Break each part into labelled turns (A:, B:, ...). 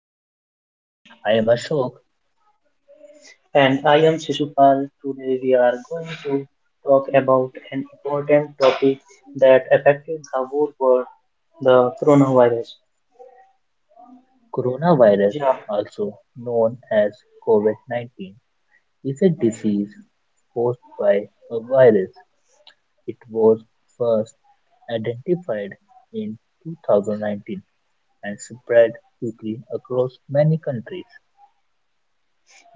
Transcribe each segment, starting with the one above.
A: podcast. I am Ashok.
B: And I am Shishupal. Today we are going to talk about an important topic that affected the whole world, the coronavirus.
A: Coronavirus,
B: Yeah.
A: also known as COVID COVID-19, is a disease caused by a virus. It was first identified in 2019 and spread quickly across many countries.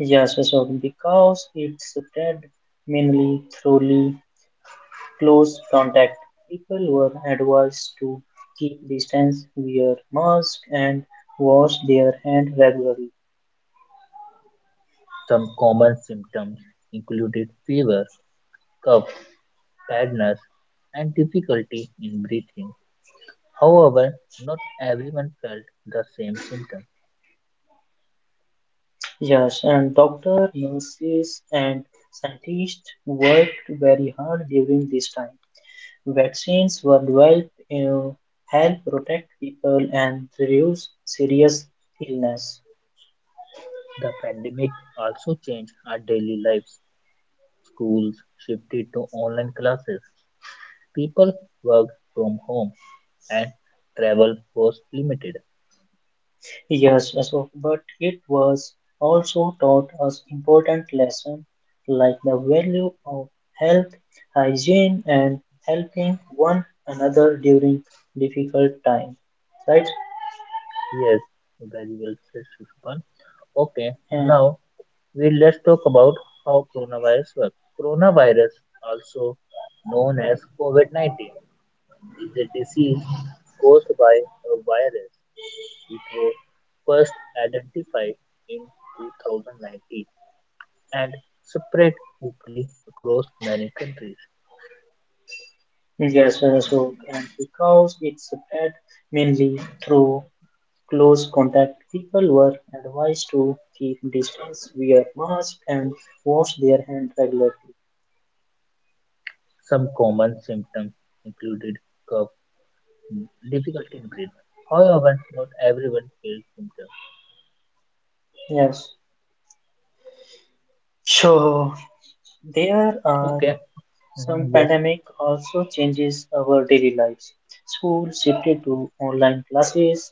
B: Because it spread mainly through close contact, people were advised to keep distance, wear mask, and wash their hand regularly.
A: Some common symptoms included fever, cough, tiredness, and difficulty in breathing. However, not everyone felt the same symptoms.
B: Yes, and doctors, nurses, and scientists worked very hard during this time. Vaccines were developed to help protect people and reduce serious illness.
A: The pandemic also changed our daily lives. Schools shifted to online classes, people worked from home, and travel was limited.
B: Yes, Ashok, but it was also taught us important lessons like the value of health, hygiene, and helping one another during difficult times. Right?
A: Yes, very well said, Shishupal. Okay,
B: Uh,
A: now we let's talk about how coronavirus works. Coronavirus, also known as COVID-19, is a disease caused by a virus. It was first identified in 2019 and spread quickly across many countries.
B: Yes, Ashok, and because it spread mainly through close contact, people were advised to keep distance, wear masks, and wash their hands regularly.
A: Some common symptoms included cough, difficulty in breathing. However, not everyone feels symptoms.
B: Yes. So there are
A: Okay.
B: some
A: Mhm, yes.
B: pandemic also changes our daily lives. Schools shifted to online classes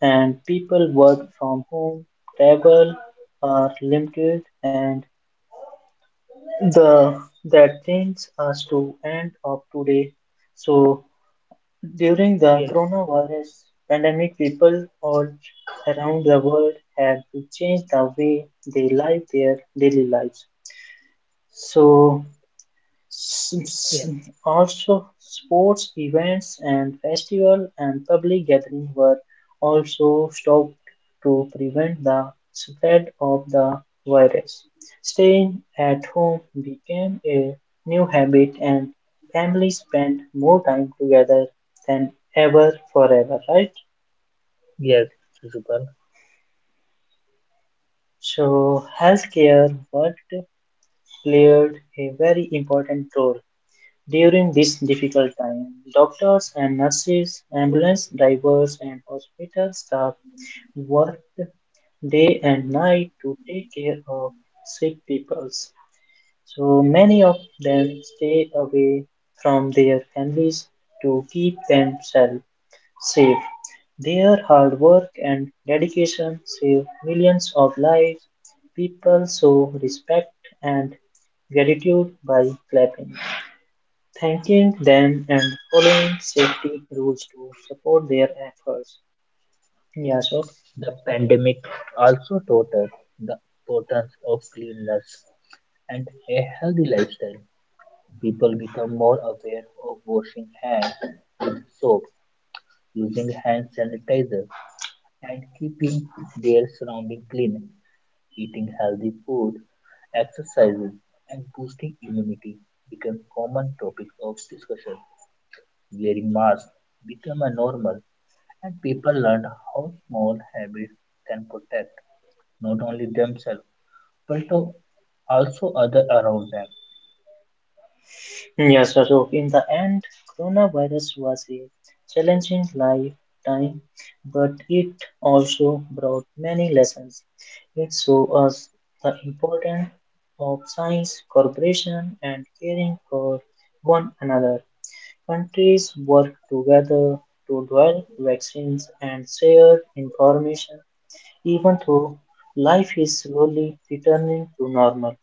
B: and people work from home, travel are limited and the that brings us to end of today, so during the
A: Yes.
B: coronavirus pandemic people all around the world had to change the way they live their daily lives. so S- s-
A: Yes.
B: Also, sports events and festival and public gatherings were also stopped to prevent the spread of the virus. Staying at home became a new habit, and families spent more time together than ever forever, right?
A: Yes. Zubal.
B: So, healthcare worked played a very important role. During this difficult time, doctors and nurses, ambulance drivers, and hospital staff worked day and night to take care of sick people. So many of them stay away from their families to keep themselves safe. Their hard work and dedication saved millions of lives. People show respect and gratitude by clapping, thanking them and following safety rules to support their efforts. Yeah, so
A: The pandemic also taught us the importance of cleanliness and a healthy lifestyle. People become more aware of washing hands with soap, using hand sanitizer, and keeping their surroundings clean. Eating healthy food, exercises, and boosting immunity become common topics of discussion. Wearing masks become a normal, and people learned how small habits can protect not only themselves but also other around them.
B: so in the end, coronavirus was a challenging lifetime, but it also brought many lessons. It showed us the importance of science, cooperation, and caring for one another. Countries work together to develop vaccines and share information even though life is slowly returning to normal.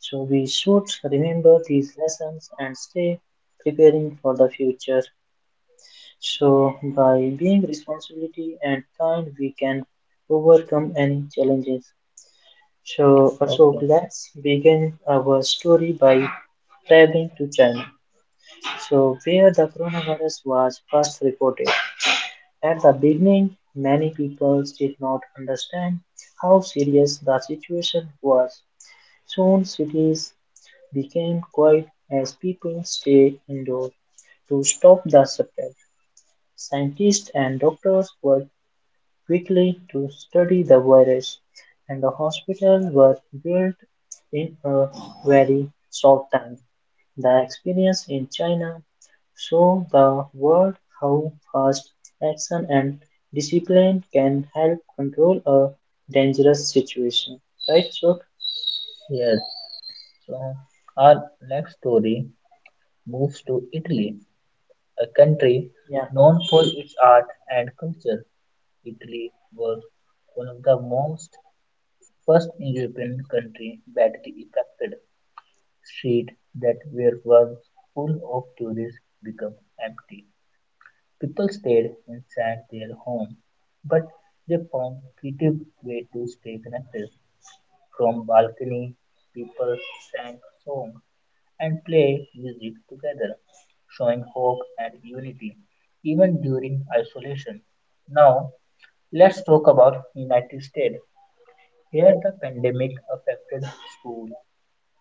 B: So we should remember these lessons and stay preparing for the future. So by being responsibility and kind, we can overcome any challenges. So also
A: Okay,
B: let's begin our story by traveling to China. So where the coronavirus was first reported. At the beginning, many people did not understand how serious the situation was. Soon cities became quiet as people stayed indoors to stop the spread. Scientists and doctors were quickly to study the virus, and the hospitals were built in a very short time. The experience in China showed the world how fast action and discipline can help control a dangerous situation. Right, Shok?
A: yes. So our next story moves to Italy, a country
B: Yeah.
A: known for its art and culture. Italy was one of the most first European country badly affected, street that were once full of tourists became empty. People stayed inside their home, but they found creative way to stay connected. From balcony, people sang songs and played music together, showing hope and unity, even during isolation. Now, let's talk about United States. Here the pandemic affected school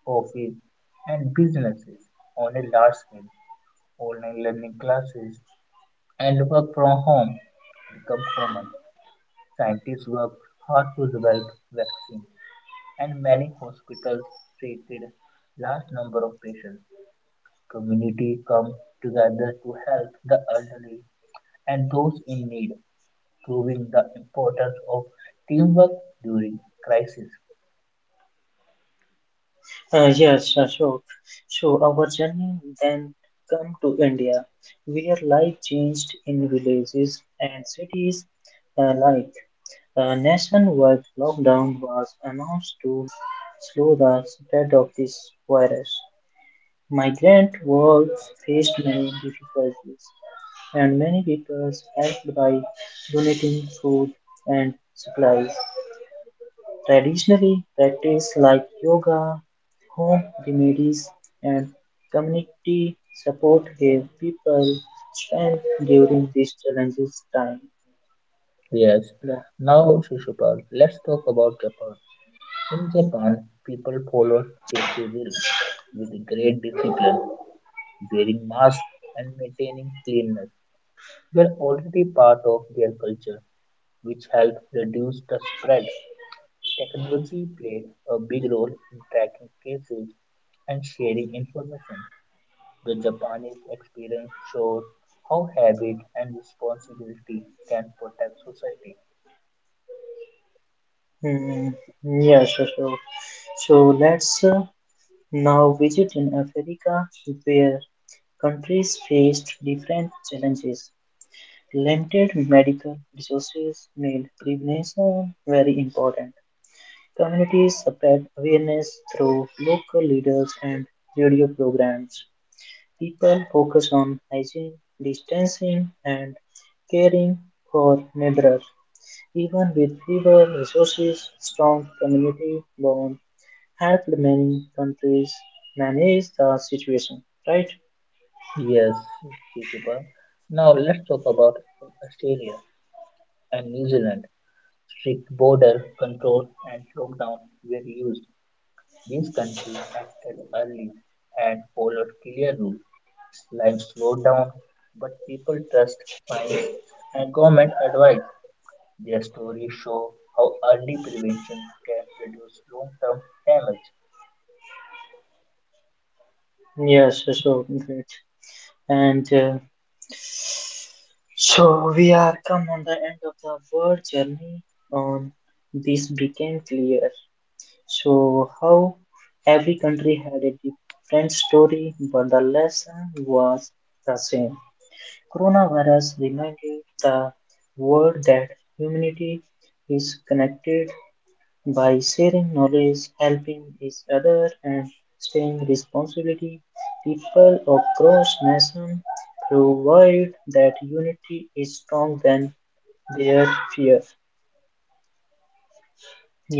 A: office, and businesses on a large scale. Online learning classes and work from home become common. Scientists work hard to develop vaccines, and many hospitals treated large number of patients. Community come together to help the elderly and those in need, proving the importance of teamwork during crisis.
B: Yes, Ashok. So our journey then come to India, where life changed in villages and cities like a nationwide lockdown was announced to slow the spread of this virus. Migrant workers faced many difficulties, and many people helped by donating food and supplies. Traditionally, practices like yoga, home remedies, and community support gave people strength during these challenges time.
A: Yes.
B: Yeah.
A: Now, Shishupal, let's talk about Japan. In Japan, people follow safety rules with great discipline, wearing masks and maintaining cleanliness. They're already part of their culture, which helps reduce the spread. Technology played a big role in tracking cases and sharing information. The Japanese experience shows how habit and responsibility can protect society.
B: Hmm. Yeah, sure, sure. So let's now visit in Africa where countries faced different challenges. Limited medical resources made prevention very important. Communities spread awareness through local leaders and radio programs. People focus on hygiene, distancing, and caring for neighbors. Even with fewer resources, strong community bonds helped many countries manage the situation. Right?
A: Yes, Shishipan. Now let's talk about Australia and New Zealand. Strict border controls and lockdowns were used; this country acted early and followed clear rules. Life slowed down, but people trust science and government advice. Their stories show how early prevention can reduce long-term damage.
B: Yes, so great. And so we are come on the end of the world journey on this became clear. So, how every country had a different story, but the lesson was the same. Coronavirus reminded the world that humanity is connected by sharing knowledge, helping each other, and staying responsibility. People across nations provide that unity is stronger than their fear.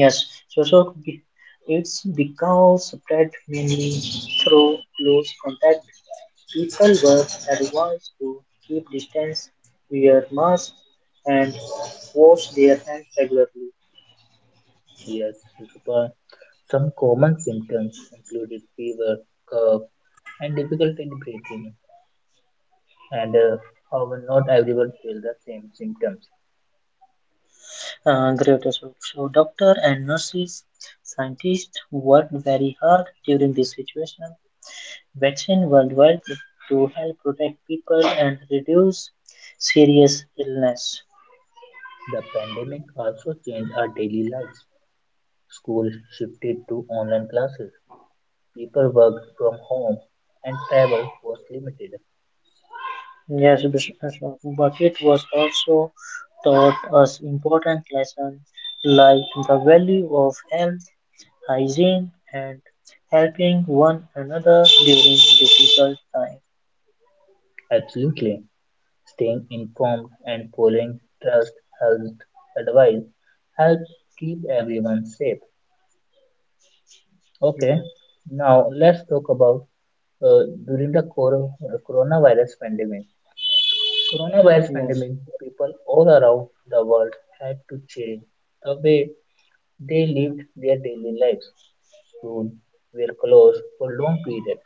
B: Yes, it's because spread mainly through close contact. People were advised to keep distance, wear masks, and wash their hands regularly.
A: Yes, Shishupal, some common symptoms included fever, cough, and difficulty in breathing, and however, not everyone feels the same symptoms.
B: Great result. So, doctor and nurses, scientists worked very hard during this situation. Vaccine worldwide to help protect people and reduce serious illness.
A: The pandemic also changed our daily lives. Schools shifted to online classes, people worked from home, and travel was limited.
B: Yes, but it was also taught us important lessons like the value of health, hygiene, and helping one another during difficult times.
A: Absolutely, staying informed and following trust health advice help keep everyone safe. Okay,
B: Yes,
A: now let's talk about during the coronavirus pandemic. Coronavirus
B: yes,
A: pandemic, people all around the world had to change the way they lived their daily lives. Soon were closed for long periods,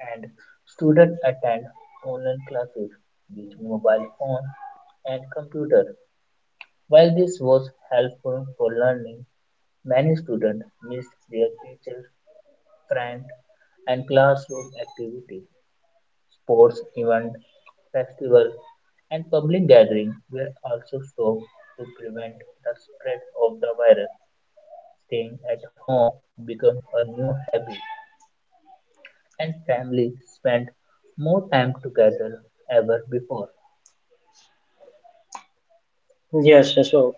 A: and students attend online classes using mobile phone and computer. While this was helpful for learning, many students missed their teachers, friends, and classroom activities. Sports events, festivals, and public gatherings were also stopped to prevent the spread of the virus. Staying at home became a new habit, and families spent more time together ever before.
B: yes, Ashok.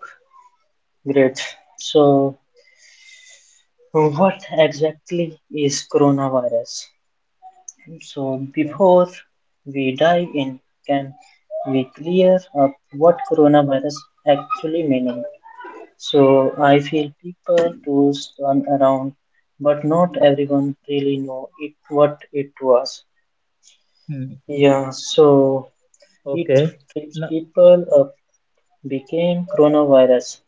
B: Great. So, what exactly is coronavirus? So,
A: Okay.
B: before we dive in, can we clear up what coronavirus actually means? So I feel people tools turn around, but not everyone really know it what it was.
A: Hmm.
B: Yeah, so it
A: Okay.
B: frees
A: No.
B: people up became coronavirus.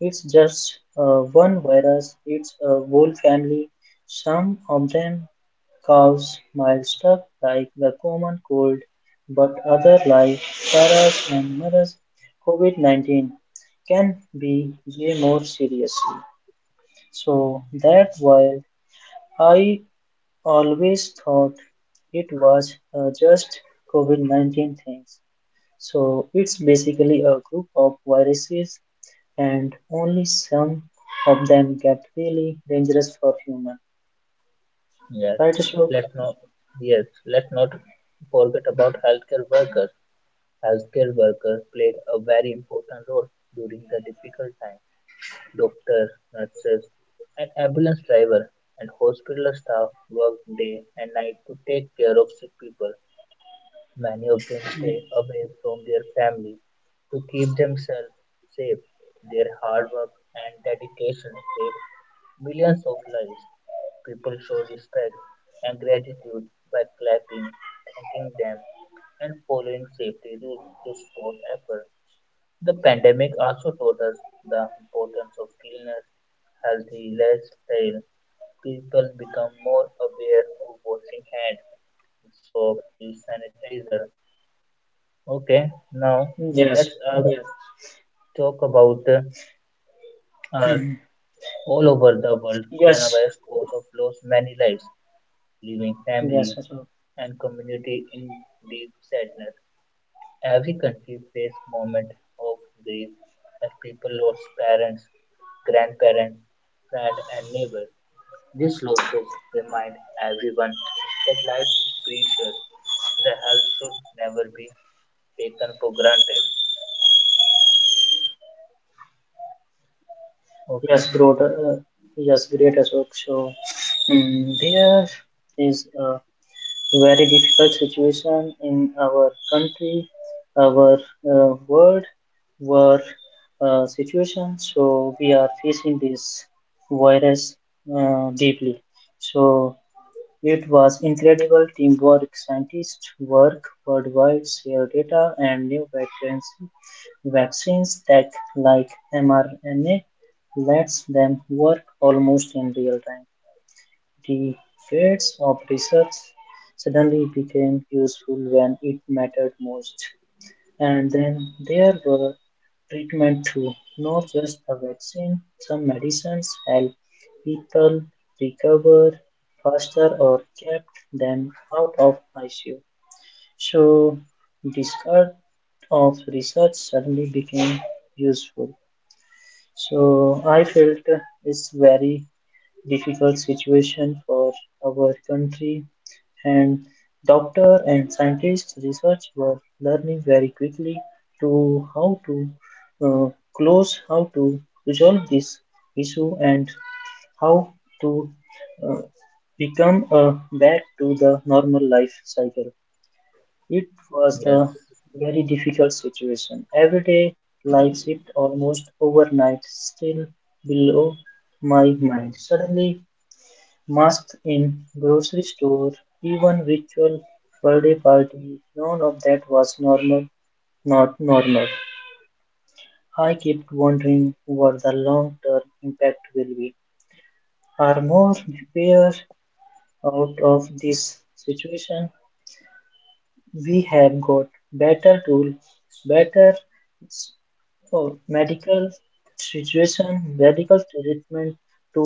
B: It's just one virus. It's a whole family. Some of them cause mild stuff like the common cold, but other like SARS and MERS, COVID-19 can be way more serious. So that's why I always thought it was just COVID 19 things. So it's basically a group of viruses and only some of them get really dangerous for human.
A: Yes.
B: Right, Ashok?
A: Let's not. Yes. Let's not forget about healthcare workers. Healthcare workers played a very important role during the difficult time. Doctors, nurses, and ambulance driver and hospital staff worked day and night to take care of sick people. Many of them stay
B: Ye-
A: away from their families to keep themselves safe. Their hard work and dedication saved millions of lives. People show respect and gratitude by clapping, thanking them, and following safety rules to support effort. The pandemic also taught us the importance of cleanliness, healthy lifestyle. People become more aware of washing hands with soap, use sanitizer. Okay, now
B: Yes,
A: let's
B: yes.
A: talk about uh,
B: Mhm.
A: all over the world.
B: yes,
A: Coronavirus cause of lost many lives, leaving
B: yes,
A: family
B: Ashok.
A: and community in deep sadness. Every country face moment of grief as people lost parents, grandparents, friend, and neighbors. These losses remind everyone that life is precious and the health should never be taken for granted. Okay.
B: Yes, great, uh, yes, great Ashok. So there is a very difficult situation in our country, our world, war situation. So we are facing this virus deeply. So it was incredible teamwork. Scientists work worldwide, share data and new vaccines, vaccines tech like mRNA lets them work almost in real time. The fields of research suddenly became useful when it mattered most. And then there were treatment too, not just the vaccine. Some medicines help people recover faster or kept them out of ICU. So discard of research suddenly became useful. So I felt it's very difficult situation for our country and doctor and scientists research were learning very quickly to how to uh, close how to resolve this issue and how to uh, become back to the normal life cycle. It was
A: Yes.
B: a very difficult situation everyday life shift almost overnight still below my mind suddenly. Masks in grocery store, even ritual birthday parties, none of that was normal, not normal. I kept wondering what the long term impact will be. Are more repair out of this situation? We have got better tools, better oh, medical situation, medical treatment to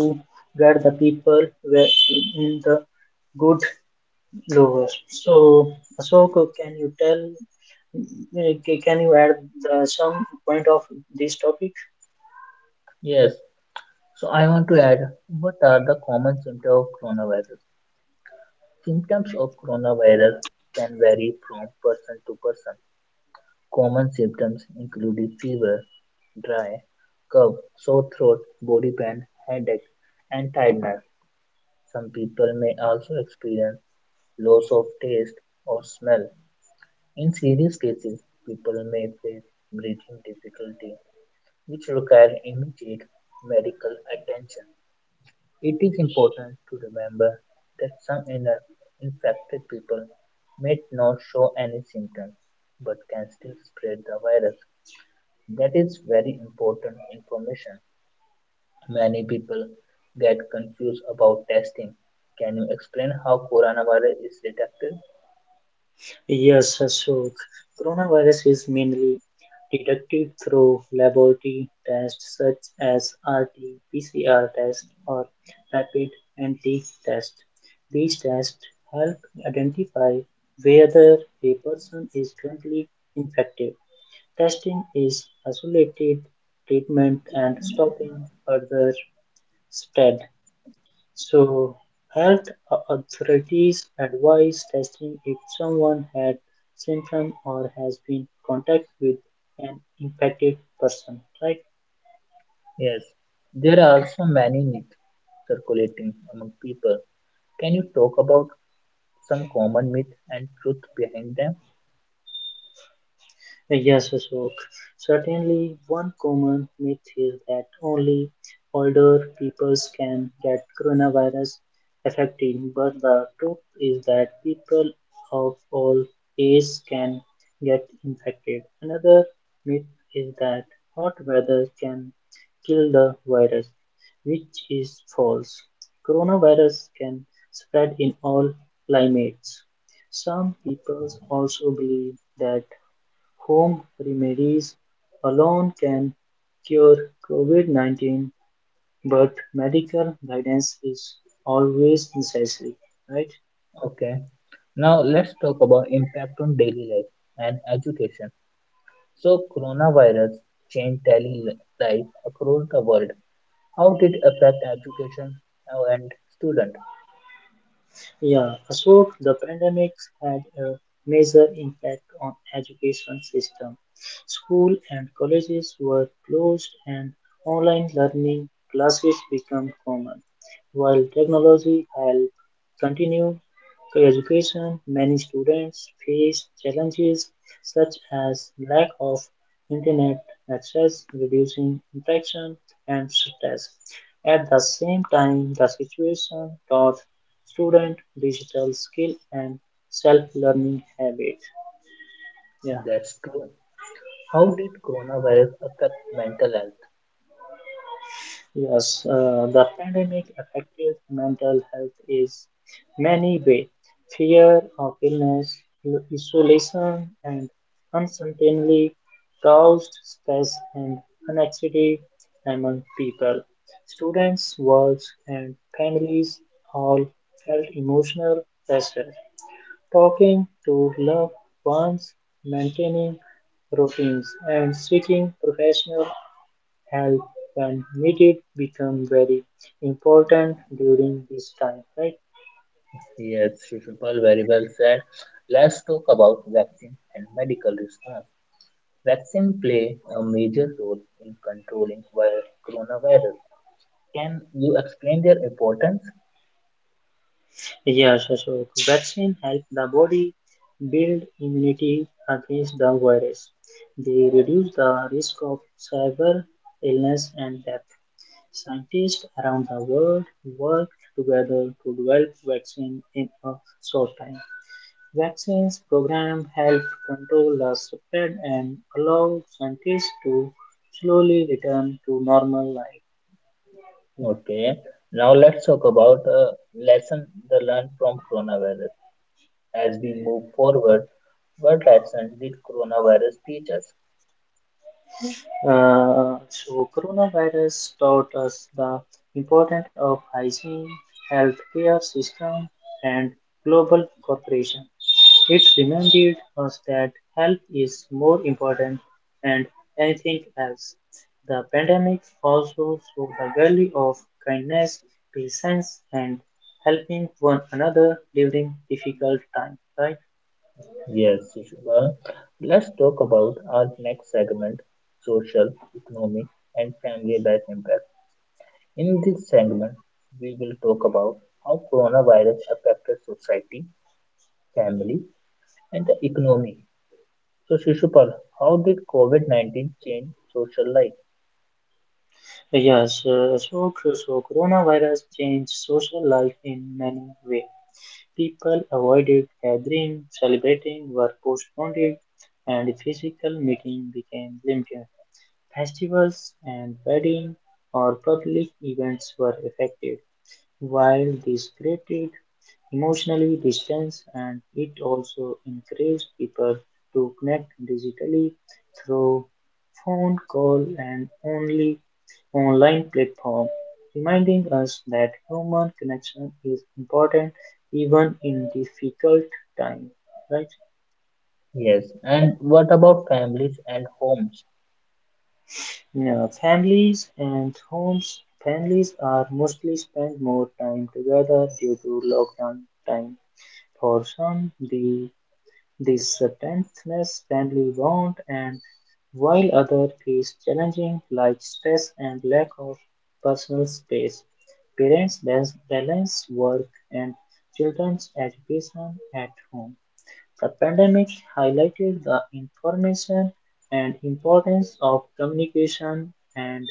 B: get the people where- in the good Lowest. So, Ashok, can you tell? Can you add the, some point of this topic?
A: Yes, so I want to add what are the common symptoms of coronavirus? Symptoms of coronavirus can vary from person to person. Common symptoms include fever, dry, cough, sore throat, body pain, headache, and tiredness. Some people may also experience loss of taste or smell. In serious cases, people may face breathing difficulty, which require immediate medical attention. It is important to remember that some infected people may not show any symptoms, but can still spread the virus. That is very important information. Many people get confused about testing. Can you explain how coronavirus is detected?
B: Yes, Ashok. Coronavirus is mainly detected through laboratory tests such as RT-PCR test or rapid antigen test. These tests help identify whether a person is currently infected. Testing is isolated treatment and stopping further spread. So health authorities advise testing if someone had symptoms or has been in contact with an infected person, right?
A: Yes, there are also many myths circulating among people. Can you talk about some common myths and truth behind them?
B: Yes, Ashok. Certainly, one common myth is that only older people can get coronavirus affected, but the truth is that people of all ages can get infected. Another myth is that hot weather can kill the virus, which is false. Coronavirus can spread in all climates. Some people also believe that Home remedies alone can cure COVID 19, but medical guidance is always necessary, right?
A: Okay. Now let's talk about impact on daily life and education. So coronavirus changed daily life across the world. How did it affect education and student?
B: Yeah, so the pandemic had a major impact on education system. School and colleges were closed and online learning classes became common. While technology helped continue education, many students faced challenges such as lack of internet access, reducing interaction and stress. At the same time, the situation taught student digital skill and self-learning habit. Yeah.
A: That's true. How did coronavirus affect mental health?
B: Yes, the pandemic affected mental health is many way, fear of illness, isolation and uncertainty caused stress and anxiety among people, students, works and families all felt emotional pressure. Talking to loved ones, maintaining routines, and seeking professional help when needed become very important during this time, right?
A: Yes, Shishupal, very well said. Let's talk about vaccine and medical response. Vaccine play a major role in controlling coronavirus. Can you explain their importance?
B: Yes, Ashok. Vaccine help the body build immunity against the virus. They reduce the risk of severe illness and death. Scientists around the world work together to develop vaccine in a short time. Vaccines program help control the spread and allow scientists to slowly return to normal life. Yeah.
A: Okay. Now let's talk about a lesson the learned from coronavirus. As we move forward, what lesson did coronavirus teach us?
B: So, coronavirus taught us the importance of hygiene, healthcare system, and global cooperation. It reminded us that health is more important than anything else. The pandemic also showed the value of kindness, patience, and helping one another during difficult times. Right?
A: Yes, Shubha. Let's talk about our next segment, social, economic, and family life impact. In this segment, we will talk about how coronavirus affected society, family, and the economy. So, Shishupal, how did COVID-19 change social life?
B: Yes. So coronavirus changed social life in many ways. People avoided gathering, celebrating were postponed, and physical meeting became limited. Festivals and weddings or public events were affected. While this created emotionally distance and it also encouraged people to connect digitally through phone call and only online platform, reminding us that human connection is important even in difficult times, right?
A: Yes, and what about families and homes?
B: Yeah, families and homes, families are mostly spend more time together due to lockdown time. For some the Septentness family bond, and while others faced challenging like stress and lack of personal space, parents balanced work and children's education at home. The pandemic highlighted the information and importance of communication and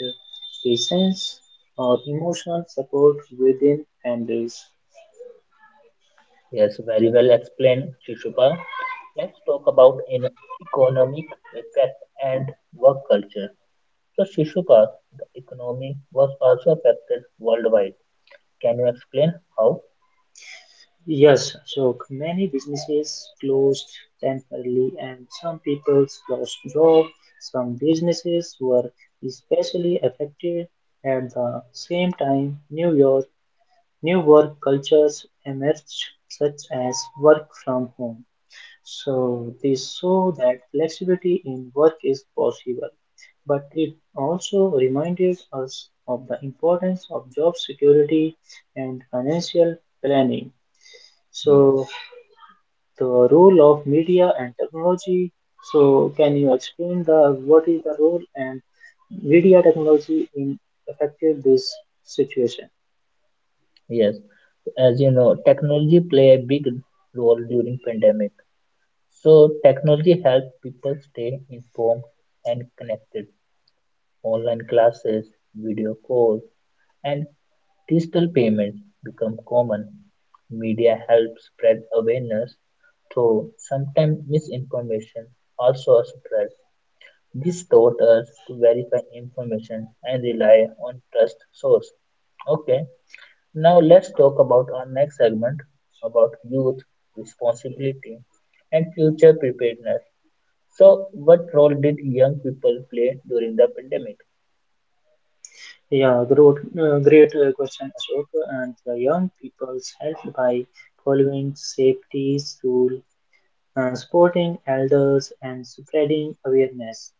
B: patience or emotional support within families.
A: Yes, very well explained, Shishupal. Let's talk about in economic effect and work culture. So, Shishupal, the economy was also affected worldwide. Can you explain how?
B: Yes, so many businesses closed temporarily, and some people lost jobs. Some businesses were especially affected. At the same time, new work cultures emerged, such as work from home. So this show that flexibility in work is possible, but it also reminded us of the importance of job security and financial planning. So
A: Yes,
B: the role of media and technology. So, can you explain the what is the role and media technology in affected this situation?
A: yes. As you know, technology play a big role during pandemic. So, technology helped people stay informed and connected. Online classes, video calls, and digital payments become common, media helps spread awareness, though sometimes misinformation also spread. This taught us to verify information and rely on trust source. Okay, now let's talk about our next segment about youth responsibility and future preparedness. So, what role did young people play during the pandemic?
B: Yeah, great, great question, Ashok. And the young people's helped by following safety's rule, supporting elders and spreading awareness.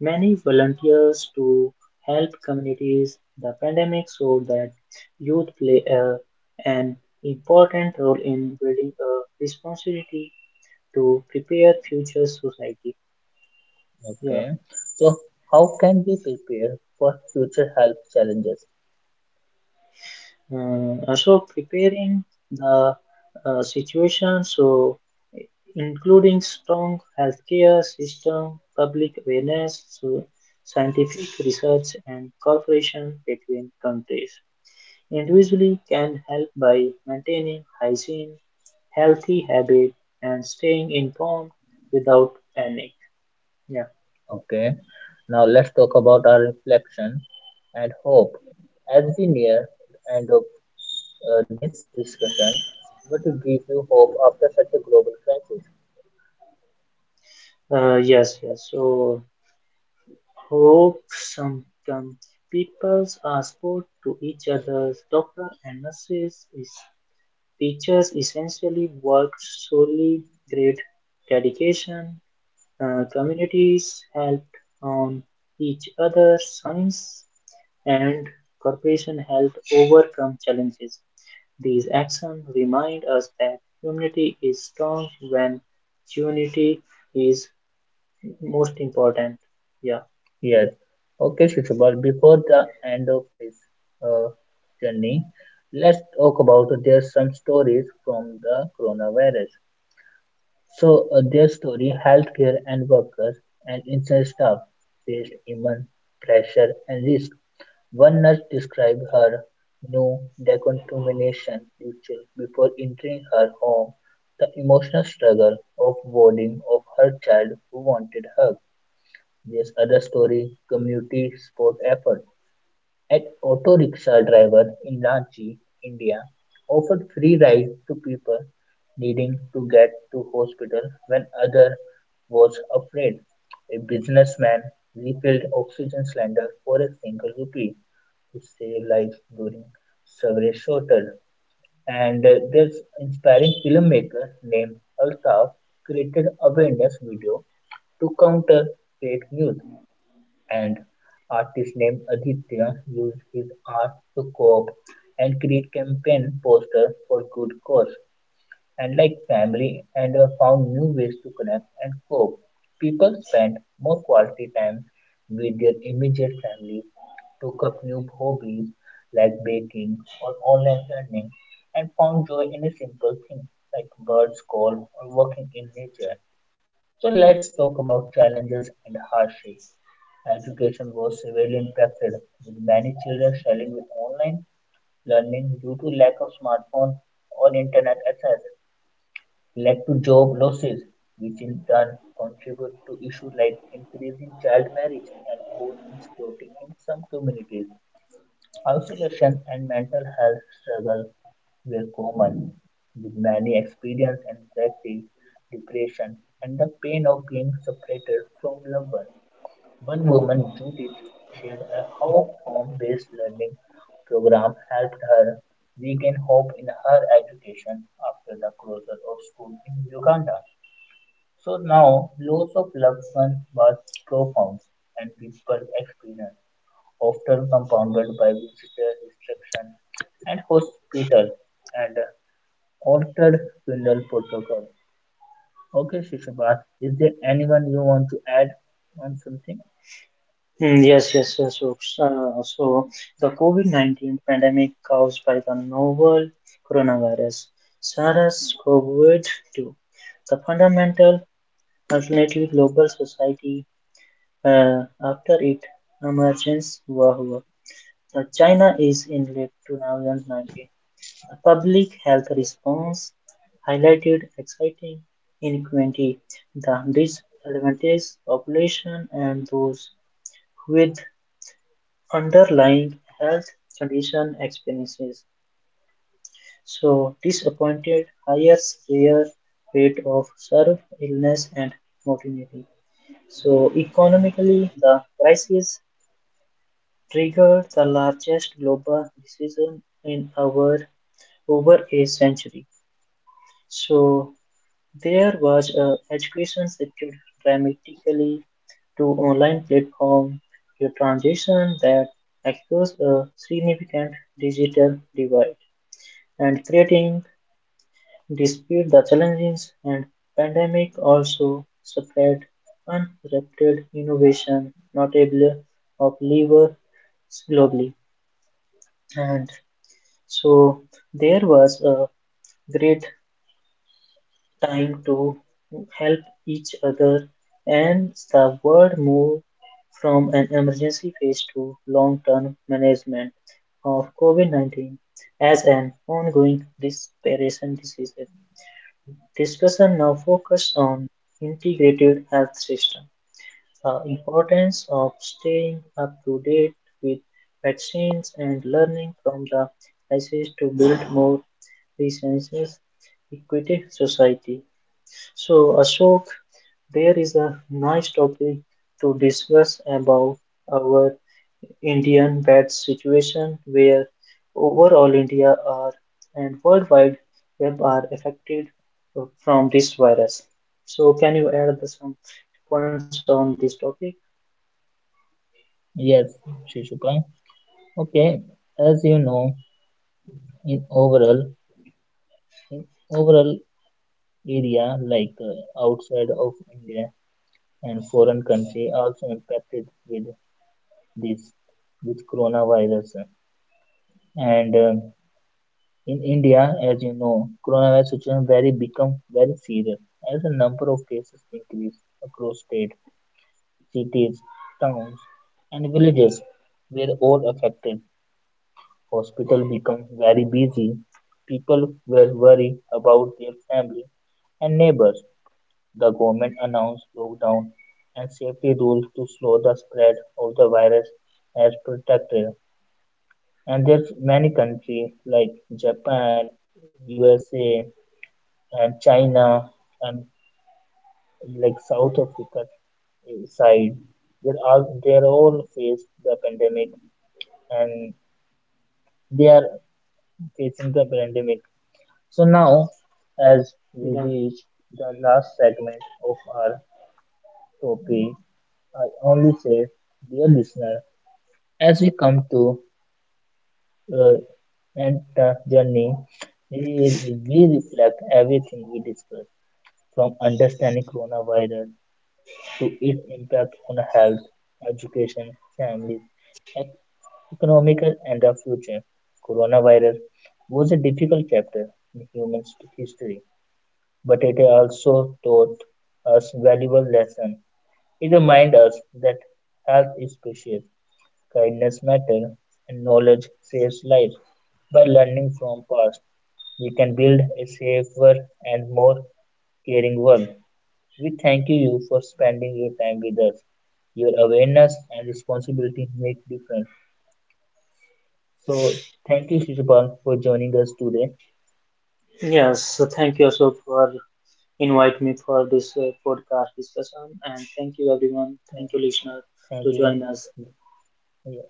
B: Many volunteers to help communities. The pandemic showed that youth play an important role in building a responsibility to prepare future society. Yeah.
A: Okay, so how can we prepare for future health challenges?
B: Also preparing the situation so including strong healthcare system, public awareness, so scientific research and cooperation between countries, individually can help by maintaining hygiene, healthy habit and staying informed without panic. Yeah.
A: Okay, now let's talk about our reflection and hope. As we near the end of this discussion, what to give you hope after such a global crisis?
B: Uh, yes yes so Hoaxsome people are sport to each other. Doctors and nurses, teachers essentially work solely great dedication. Communities help on each other. Science and corporation helped overcome challenges. These actions remind us that humanity is strong when unity is most important. Yeah.
A: Yes. Okay, Shishubal, before the end of this uh, journey, let's talk about there's some stories from the coronavirus. So, their story, healthcare and workers and essential staff faced immense pressure and risk. One nurse described her new decontamination ritual before entering her home, the emotional struggle of warding of her child who wanted her. There's other story, community support effort. An auto rickshaw driver in Ranchi, India, offered free ride to people needing to get to hospital when other was afraid. A businessman refilled oxygen cylinder for a single rupee to save lives during several shortages. And this inspiring filmmaker named Altaf created awareness video to counter fake news. And artist named Aditya used his art to co-op and create campaign poster for good cause. And like family, and found new ways to connect and cope. People spent more quality time with their immediate family, took up new hobbies like baking or online learning, and found joy in a simple thing like birds call or walking in nature. So let's talk about challenges and hardship. Education was severely impacted, with many children struggling with online learning due to lack of smartphone or internet access, led to job losses, which in turn contribute to issues like increasing child marriage and food insecurity in some communities. Isolation and mental health struggles were common, with many experiencing anxiety, depression, and the pain of being separated from loved ones. One woman, Judith, shared a how home-based learning program helped her regain hope in her education after the closure of school in Uganda. So now, loss of loved ones was profound, and people experienced often compounded by visitor restriction and hospital and altered funeral protocol. Okay, Shishupal, is there anyone you want to add on something?
B: Mm, Yes, yes, yes. So, so the COVID-19 pandemic caused by the novel coronavirus, SARS-CoV-2, the fundamental alternative global society after its emergence war. War. The China is in late 2019. The public health response highlighted exciting inequality, the disadvantaged population, and those with underlying health condition experiences. So, disappointed highest rare rate of serve illness and mortality. So, economically, the crisis triggered the largest global recession in our over a century. So, there was a education sector dramatically to online platform, a transition that exposed a significant digital divide. And creating. Despite the challenges and pandemic also spread uninterrupted innovation, notable of labor globally. And so there was a great time to help each other and the world moved from an emergency phase to long-term management of COVID-19 as an ongoing respiratory disease. Discussion now focus on integrated health system, the importance of staying up to date with vaccines and learning from the crisis to build more resilient, equity society. So Ashok, there is a nice topic to discuss about our Indian bad situation where overall India are and worldwide web are affected from this virus. So can you add the some points on this topic?
A: Yes, Shishupal. Okay, as you know, in overall, in overall area like outside of India and foreign country also impacted this with coronavirus and in India, as you know, coronavirus situation very become very serious as the number of cases increase across state, cities, towns, and villages were all affected. Hospital become very busy. People were worried about their family and neighbors. The government announced lockdown and safety rules to slow the spread of the virus as protected. And there's many countries like Japan, USA, and China and like South Africa side, they are all faced the pandemic and they are facing the pandemic. So now, as we
B: Yeah.
A: reach the last segment of our topic, I only say, dear listener, as we come to uh, end the journey, we, we reflect everything we discussed from understanding coronavirus to its impact on health, education, families, ec- economical, and the future. Coronavirus was a difficult chapter in human history, but it also taught us valuable lesson. It reminds us that health is precious, kindness matters, and knowledge saves lives. By learning from past, we can build a safer and more caring world. We thank you for spending your time with us. Your awareness and responsibility make difference. So thank you, Shishupal, for joining us today.
B: Yes, thank you also for invite me for this podcast discussion, and thank you everyone. Thank you listener
A: Thank
B: to
A: you.
B: join us.
A: Yeah.